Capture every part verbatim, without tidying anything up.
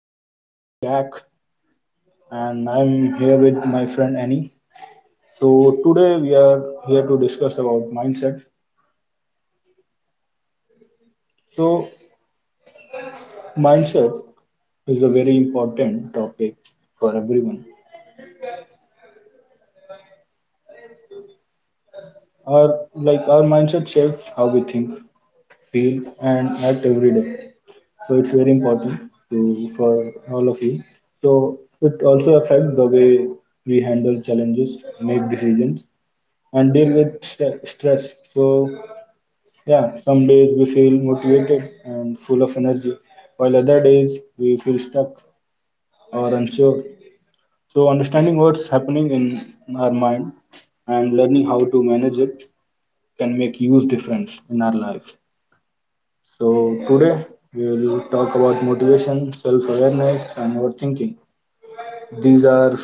I'm your host Jack and I'm here with my friend Annie. So today we are here to discuss about mindset. So mindset is a very important topic for everyone. Our like our mindset shapes how we think, feel and act every day. So it's very important to for all of you. So it also affects the way we handle challenges, make decisions and deal with st- stress. So Yeah, some days we feel motivated and full of energy, while other days we feel stuck or unsure. So, understanding what's happening in our mind and learning how to manage it can make huge difference in our life. So, today we will talk about motivation, self-awareness, and overthinking. These are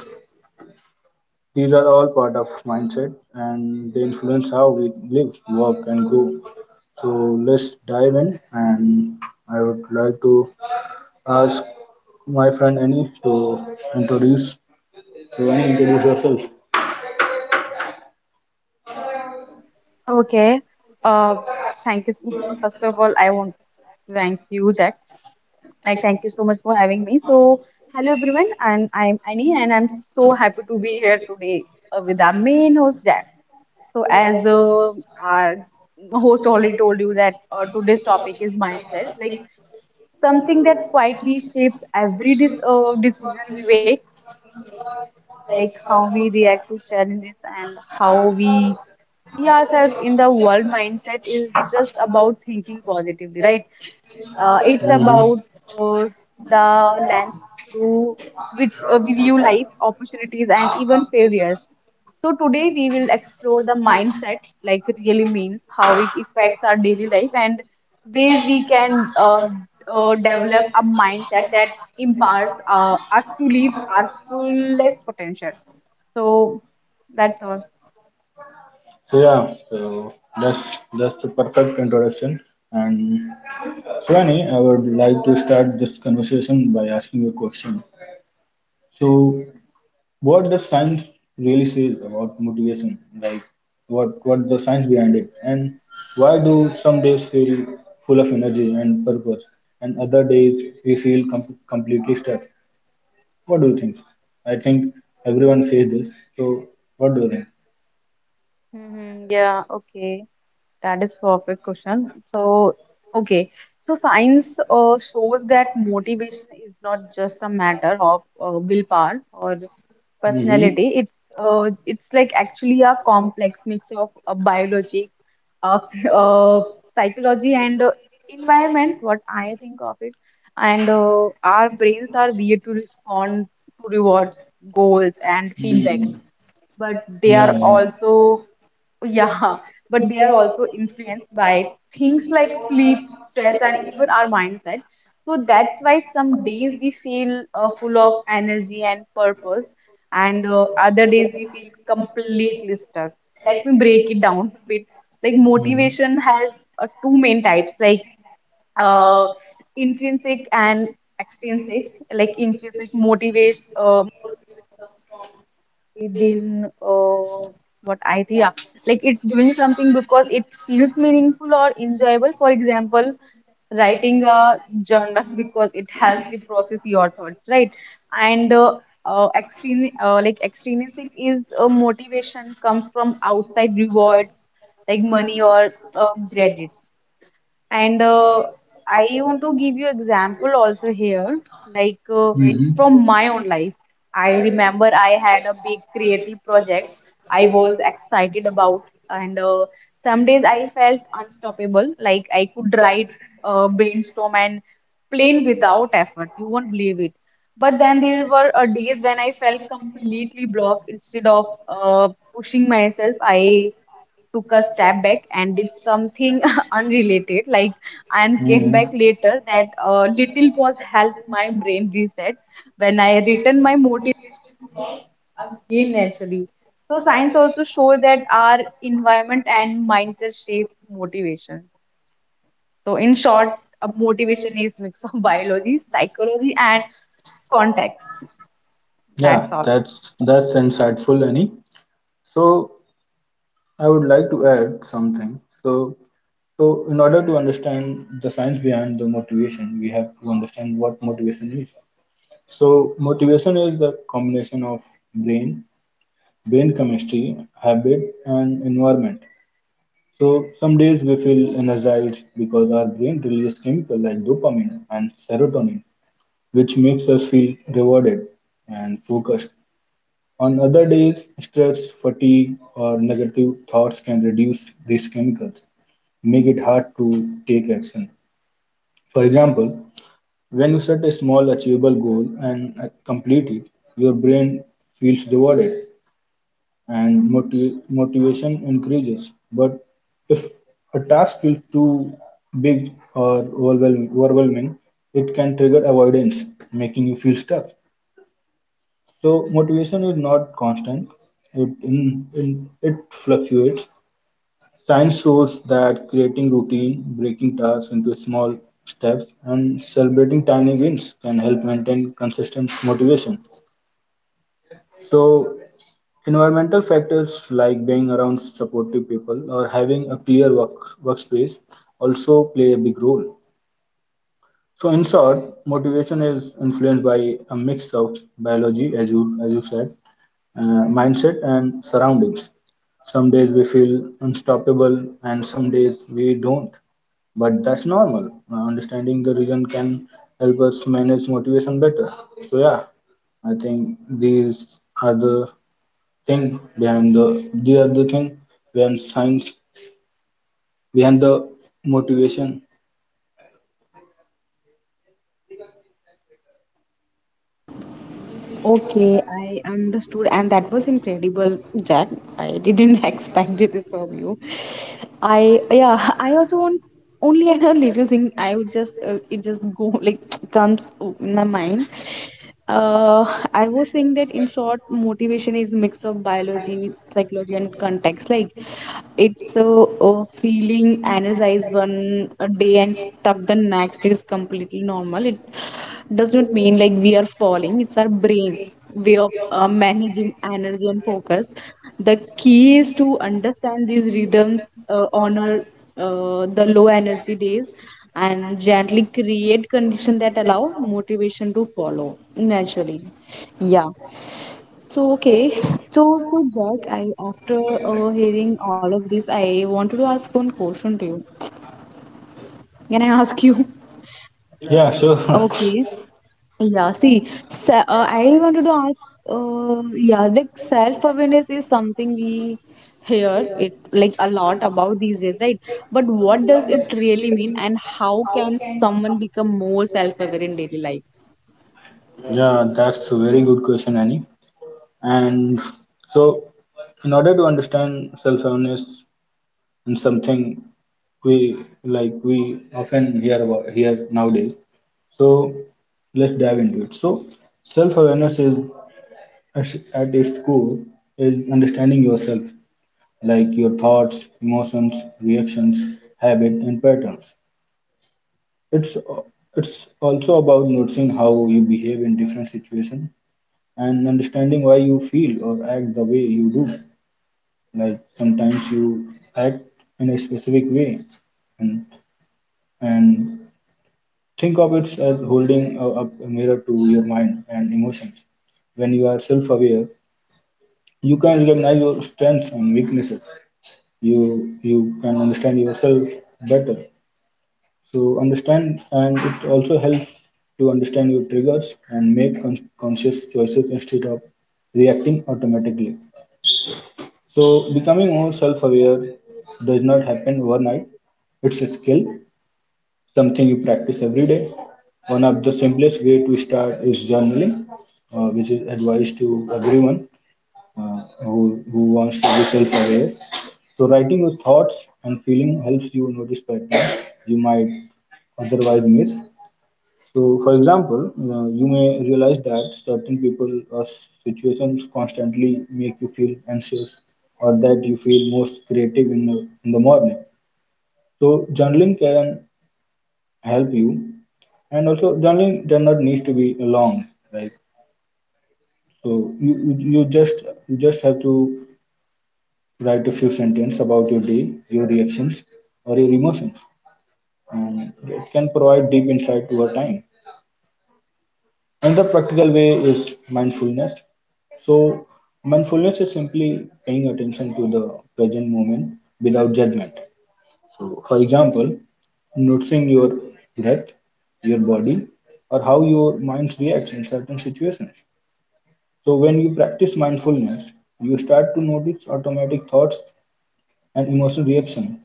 these are all part of mindset, and they influence how we live, work, and grow. So let's dive in, and I would like to ask my friend Annie to introduce to Annie introduce yourself. Okay. Uh, Thank you so much. First of all, I want to thank you, Jack. Like, thank you so much for having me. So, hello everyone, and I'm Annie, and I'm so happy to be here today uh, with our main host, Jack. So, as uh, our host already told you that uh, today's topic is mindset, like something that quietly shapes every dis uh, decision we make, like how we react to challenges and how we see ourselves in the world. Mindset is just about thinking positively, right? Mhm. Uh, it's about uh, the lens through which uh, we view life, opportunities, and even failures. So today we will explore the mindset, like really means, how it affects our daily life and ways we can uh, uh, develop a mindset that empowers uh, us to live our fullest potential. So that's all. So yeah, so that's that's the perfect introduction. And Shivani, I would like to start this conversation by asking you a question. So what the science really says about motivation, like what what the science behind it, and why do some days feel full of energy and purpose, and other days we feel com- completely stuck? What do you think? I think everyone says this. So what do you think? Hmm. Yeah, okay. That is perfect question. So, okay. So science uh, shows that motivation is not just a matter of uh, willpower or personality. Mm-hmm. It's uh, it's like actually a complex mix of uh, biology, uh, uh, psychology, and uh, environment. What I think of it, and uh, our brains are weird to respond to rewards, goals, and feedback, Mm-hmm. but they are Yeah, yeah. also Yeah, yeah, but we they are also influenced by things like like sleep, like stress, and even our mindset. So that's why some days and we feel uh, full of energy and purpose, and uh, other days we feel completely stuck. Let me break it down a bit. Like motivation has uh, two main types, like uh, intrinsic and it extrinsic. it Like intrinsic motivation uh, comes. within uh, what idea, like it's doing something because it feels meaningful or enjoyable. For example, writing a journal because it helps you process your thoughts, right? And uh, uh, extrin uh, like extrinsic is a motivation comes from outside rewards, like money or uh, credits. And uh, I want to give you example also here, like uh, from my own life. I remember I had a big creative project I was excited about, and uh, some days I felt unstoppable, like I could write, uh, brainstorm, and plan without effort. You won't believe it. But then there were uh, days when I felt completely blocked. Instead of uh, pushing myself, I took a step back and did something unrelated, like, and came back later. That uh, little pause helped my brain reset. When I returned, my motive again naturally. So science also shows that our environment and mindset shape motivation. So in short, a motivation is mix of biology, psychology, and context. Yeah, That's all. that's that's insightful, Annie. So I would like to add something. So so in order to understand the science behind the motivation, we have to understand what motivation is. So motivation is the combination of brain, brain chemistry, habit, and environment. So some days we feel energized because our brain releases chemical like dopamine and serotonin, which makes us feel rewarded and focused. On other days, stress, fatigue, or negative thoughts can reduce these chemicals, make it hard to take action. For example, when you set a small achievable goal and uh, complete it, your brain feels rewarded and motiv- motivation increases. But if a task feels too big or overwhelm- overwhelming, it can trigger avoidance, making you feel stuck. So motivation is not constant. It in, in it fluctuates. Science shows that creating routine, breaking tasks into small steps, and celebrating tiny wins can help maintain consistent motivation. So environmental factors like being around supportive people or having a clear work workspace also play a big role. So in short, motivation is influenced by a mix of biology, as you as you said, uh, mindset and surroundings. Some days we feel unstoppable, and some days we don't. But that's normal. Uh, understanding the reason can help us manage motivation better. So yeah, I think these are the thing behind the these are the thing behind science behind the motivation. Okay, I understood, and that was incredible, Jack. I didn't expect it from you. I yeah, I also want only had a little thing. I would just uh, it just go like comes in my mind. Uh, I was saying that in short, motivation is mix of biology, psychology, and context. Like it's a, a feeling energized one day and stuck the next is completely normal. It does not mean like we are falling. It's our brain way of uh, managing energy and focus. The key is to understand these rhythms, uh, honor uh, the low energy days, and gently create conditions that allow motivation to follow naturally. Yeah. So okay, so so Jack, I after uh, hearing all of this, I wanted to ask one question to you. Can I ask you? Yeah, sure. Okay. Yeah, see, se uh, I wanted to ask, uh, yeah, like self-awareness is something we hear it like a lot about these days, right? But what does it really mean, and how can someone become more self-aware in daily life? Yeah, that's a very good question, Annie. And so, in order to understand self-awareness and something we like we often hear about here nowadays. So let's dive into it. So self-awareness is at at its core is understanding yourself, like your thoughts, emotions, reactions, habit, and patterns. It's it's also about noticing how you behave in different situations and understanding why you feel or act the way you do. Like sometimes you act in a specific way, and and think of it as holding a, up a mirror to your mind and emotions. When you are self-aware, you can recognize your strengths and weaknesses. You you can understand yourself better. So understand, and it also helps to understand your triggers and make con- conscious choices instead of reacting automatically. So, becoming more self aware does not happen overnight. It's a skill, something you practice every day. One of the simplest way to start is journaling, uh, which is advice to everyone uh, who, who wants to be self aware. So, writing your thoughts and feeling helps you notice patterns you might otherwise miss. So, for example, uh, you may realize that certain people or situations constantly make you feel anxious, or that you feel most creative in the in the morning. So, journaling can help you, and also journaling does not need to be long, right? So, you you you just you just have to write a few sentences about your day, your reactions, or your emotions, and it can provide deep insight over time. Another practical way is mindfulness. So, mindfulness is simply paying attention to the present moment without judgment. So, for example, noticing your breath, your body, or how your mind reacts in certain situations. So, when you practice mindfulness, you start to notice automatic thoughts and emotional reaction.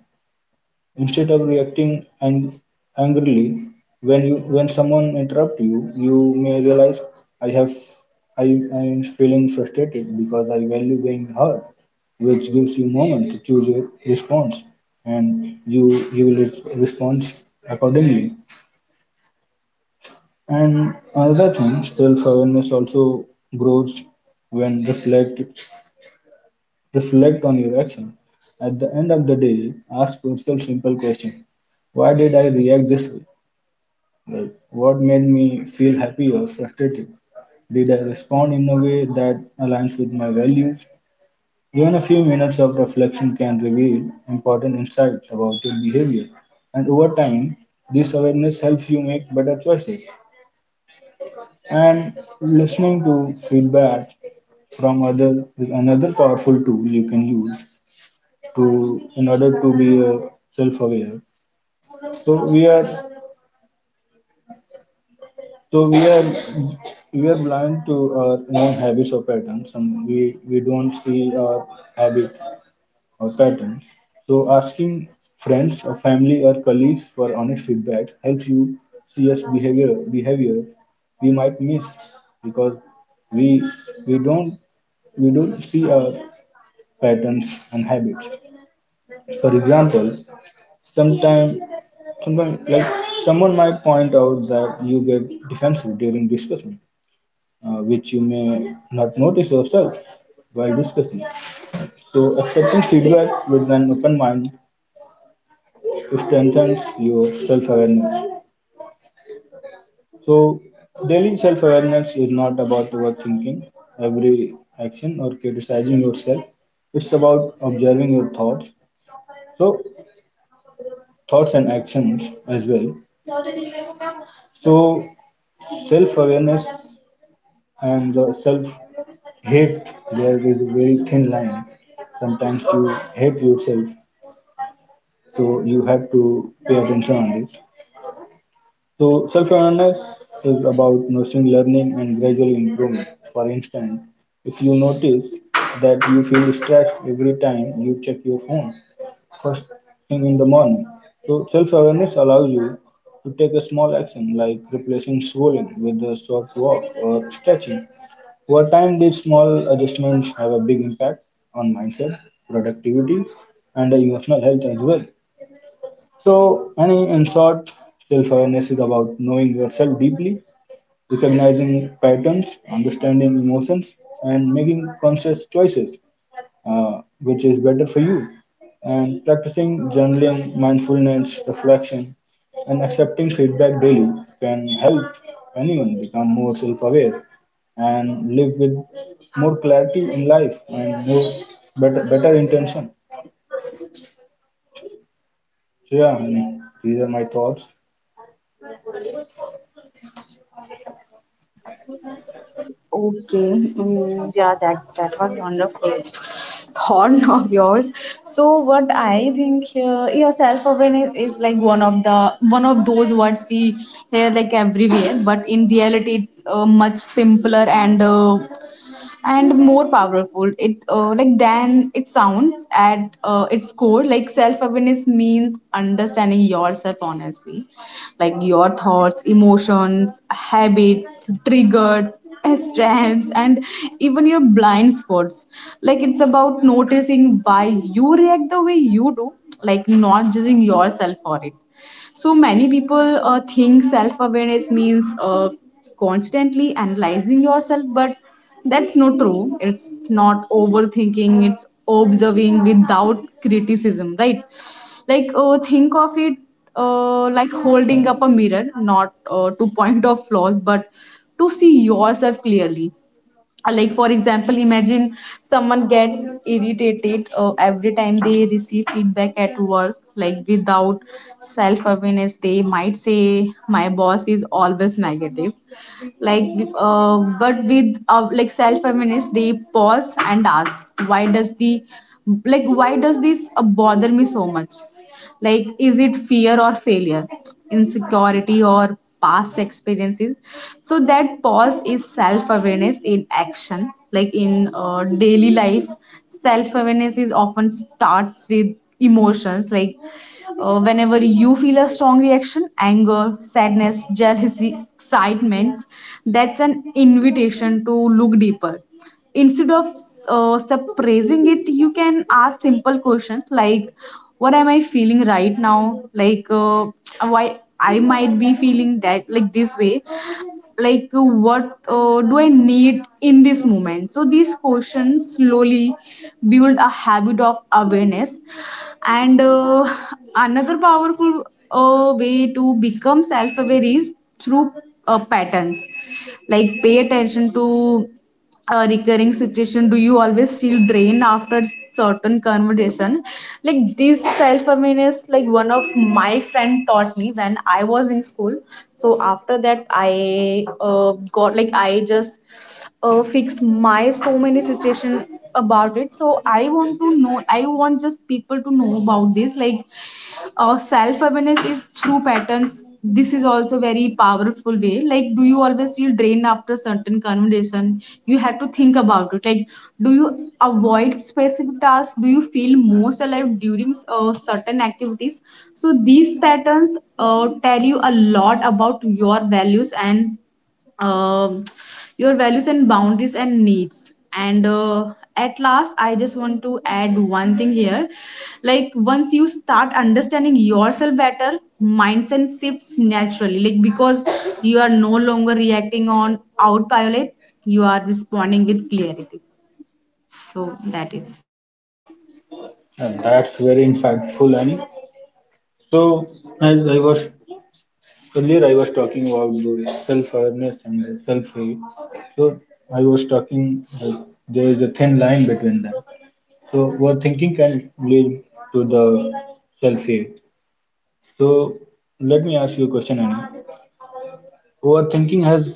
Instead of reacting ang- angrily when you when someone interrupts you, you may realize I have I, I am feeling frustrated because I value being heard, which gives you moment to choose your response, and you you will res- respond accordingly. And another thing, self awareness also grows when reflect reflect on your action. At the end of the day, ask yourself simple question. Why did I react this way? Like, what made me feel happy or frustrated? Did I respond in a way that aligns with my values? Even a few minutes of reflection can reveal important insights about your behavior. And over time, this awareness helps you make better choices. And listening to feedback from other is another powerful tool you can use to in order to be uh, self-aware. So we are So we are we are blind to our own habits or patterns, and we we don't see our habit or pattern. So asking friends or family or colleagues for honest feedback helps you see us behavior behavior we might miss because we we don't we don't see our patterns and habits. For example, sometime, sometime like someone might point out that you get defensive during discussion, uh, which you may not notice yourself while discussing. So accepting feedback with an open mind strengthens your self-awareness. So, daily self awareness is not about overthinking every action or criticizing yourself, it's about observing your thoughts. So, thoughts and actions as well. So, self awareness and the self hate, there is a very thin line. Sometimes you hate yourself, so you have to pay attention on this. So, self awareness is about nurturing learning and gradual improvement. For instance, if you notice that you feel stressed every time you check your phone first thing in the morning, so self awareness allows you to take a small action like replacing scrolling with a short walk or stretching. Over time, these small adjustments have a big impact on mindset, productivity, and emotional health as well. So, any in short, self awareness is about knowing yourself deeply, recognizing patterns, understanding emotions, and making conscious choices, uh, which is better for you. And practicing journaling, mindfulness, reflection, and accepting feedback daily can help anyone become more self aware and live with more clarity in life and more better, better intention. So, yeah, and these are my thoughts, Okay. Mm, yeah, that that was wonderful thought of yours. So what I think here, yeah, self-awareness is like one of the one of those words we hear like everywhere, but in reality, it's uh, much simpler and uh, and more powerful it uh, like than it sounds. At uh, its core, like self awareness means understanding yourself honestly, like your thoughts, emotions, habits, triggers, strengths, and even your blind spots. Like it's about noticing why you react the way you do, like not judging yourself for it. So many people uh, think self awareness means uh, constantly analyzing yourself, but that's not true. It's not overthinking, it's observing without criticism, right? Like uh, think of it uh, like holding up a mirror, not uh, to point of flaws, but to see yourself clearly. Uh, like for example, imagine someone gets irritated uh, every time they receive feedback at work. Like without self awareness, they might say, my boss is always negative, like, uh, but with uh, like self feminists, they pause and ask, why does the like why does this uh, bother me so much? Like is it fear or failure, insecurity or past experiences? So that pause is self awareness in action. Like in uh, daily life, self awareness is often starts with emotions. Like uh, whenever you feel a strong reaction, anger, sadness, jealousy, excitement, that's an invitation to look deeper. Instead of uh, suppressing it, you can ask simple questions like, what am I feeling right now? Like, uh, why I might be feeling that, like this way? Like uh, what uh, do I need in this moment? So these questions slowly build a habit of awareness. And uh, another powerful uh, way to become self aware is through uh, patterns. Like pay attention to a recurring situation. Do you always feel drained after certain conversation? Like this self awareness, like one of my friend taught me when I was in school. So after that, I uh, got like I just uh, fixed my so many situation about it. So I want to know, I want just people to know about this. Like uh, self awareness is through patterns. This is also very powerful way. Like do you always feel drained after certain conversation? You have to think about it. Like do you avoid specific tasks? Do you feel most alive during uh, certain activities? So these patterns uh, tell you a lot about your values and um, your values and boundaries and needs. And uh, at last, I just want to add one thing here. Like once you start understanding yourself better, mindset shifts naturally, like because you are no longer reacting on autopilot, you are responding with clarity. So that is and that's very insightful, Annie. So, as I was earlier, I was talking about the self-awareness and the self-hate. So, I was talking like there is a thin line between them. So, what thinking can lead to the self-hate. So let me ask you a question, Annie. Overthinking has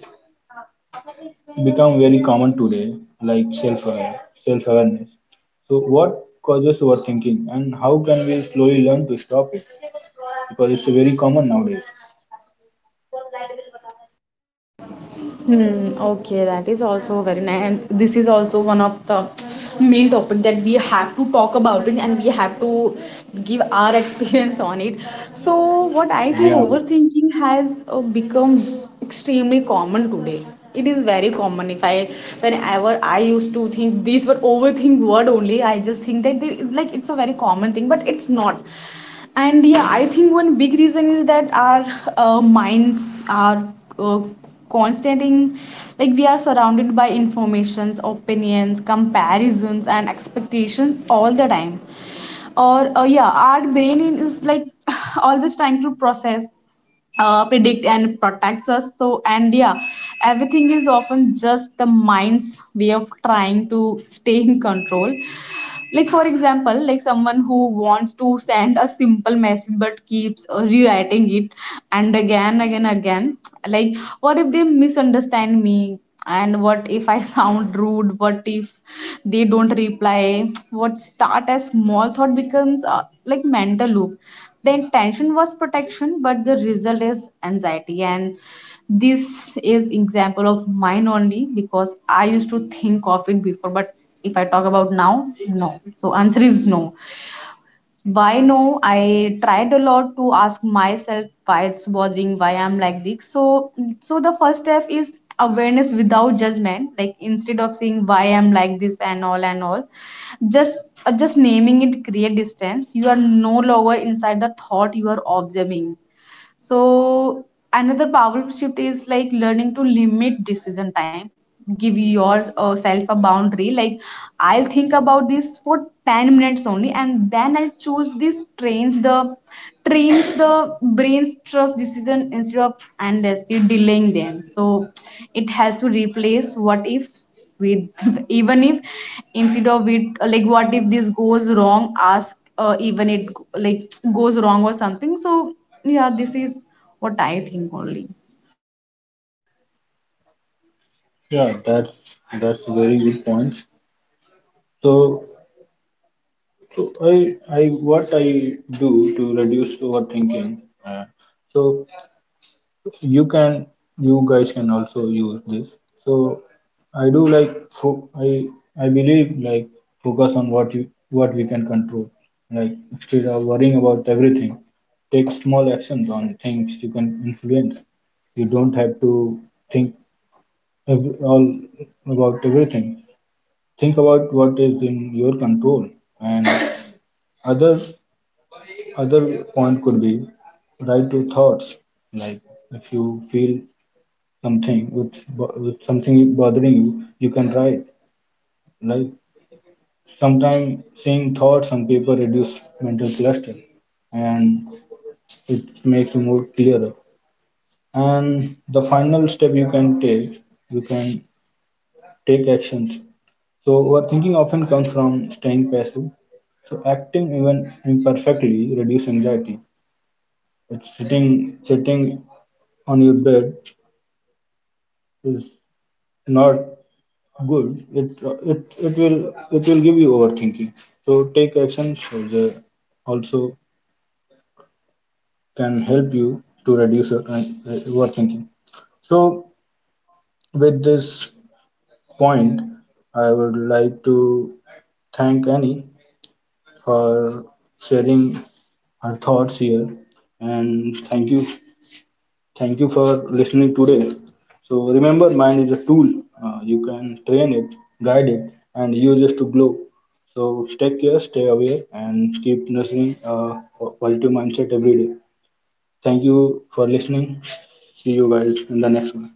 become very common today, like self aware, self awareness. So what causes overthinking, and how can we slowly learn to stop it? Because it's very common nowadays. Hmm, okay, that is also very nice. And this is also one of the main topic that we have to talk about it, and we have to give our experience on it. So what I think Yeah, overthinking has uh, become extremely common today. It is very common. If I, whenever I used to think these were overthink word only, I just think that they, like it's a very common thing, but it's not. And yeah, I think one big reason is that our uh, minds are uh, constantly, like we are surrounded by informations, opinions, comparisons, and expectations all the time. Or uh, yeah, our brain is like always trying to process, uh, predict, and protects us. So and yeah, everything is often just the mind's way of trying to stay in control. Like for example, like someone who wants to send a simple message but keeps uh, rewriting it and again again again, like what if they misunderstand me, and what if I sound rude, what if they don't reply? What start as small thought becomes uh, like mental loop. The intention was protection, but the result is anxiety. And this is example of mine only, because I used to think of it before. But if I talk about now, no. So answer is no. Why no? I tried a lot to ask myself, why it's bothering, why I'm like this. So so the first step is awareness without judgment. Like instead of saying why I'm like this and all and all, just uh, just naming it create distance. You are no longer inside the thought, you are observing. So another powerful shift is like learning to limit decision time. Give yourself a boundary. Like I'll think about this for ten minutes only, and then I'll choose. This trains the trains the brain's trust decision instead of endlessly delaying them. So it helps to replace what if with even if. Instead of it, like what if this goes wrong, ask uh, even it like goes wrong or something. So yeah, this is what I think only. yeah, that's that's very good points. So, so I I what I do to reduce overthinking. Uh, so you can you guys can also use this. So I do like fo- i i believe like focus on what you what we can control, like instead of worrying about everything, take small actions on things you can influence. You don't have to think ev- all about everything. Think about what is in your control. And other other point could be write your thoughts. Like if you feel something with bo- with something bothering you, you can write. Like sometimes seeing thoughts on paper reduce mental cluster and it makes you more clearer. And the final step you can take, you can take actions. So overthinking often comes from staying passive. So acting even imperfectly reduce anxiety. It's sitting sitting on your bed is not good. It it it will it will give you overthinking. So take action, so the also can help you to reduce your uh, overthinking. So with this point I would like to thank Annie for sharing her thoughts here and thank you. Thank you for listening today. So remember, mind is a tool. Uh, you can train it, guide it, and use it to grow. So stay care, stay aware, and keep nurturing a positive mindset every day. Thank you for listening. See you guys in the next one.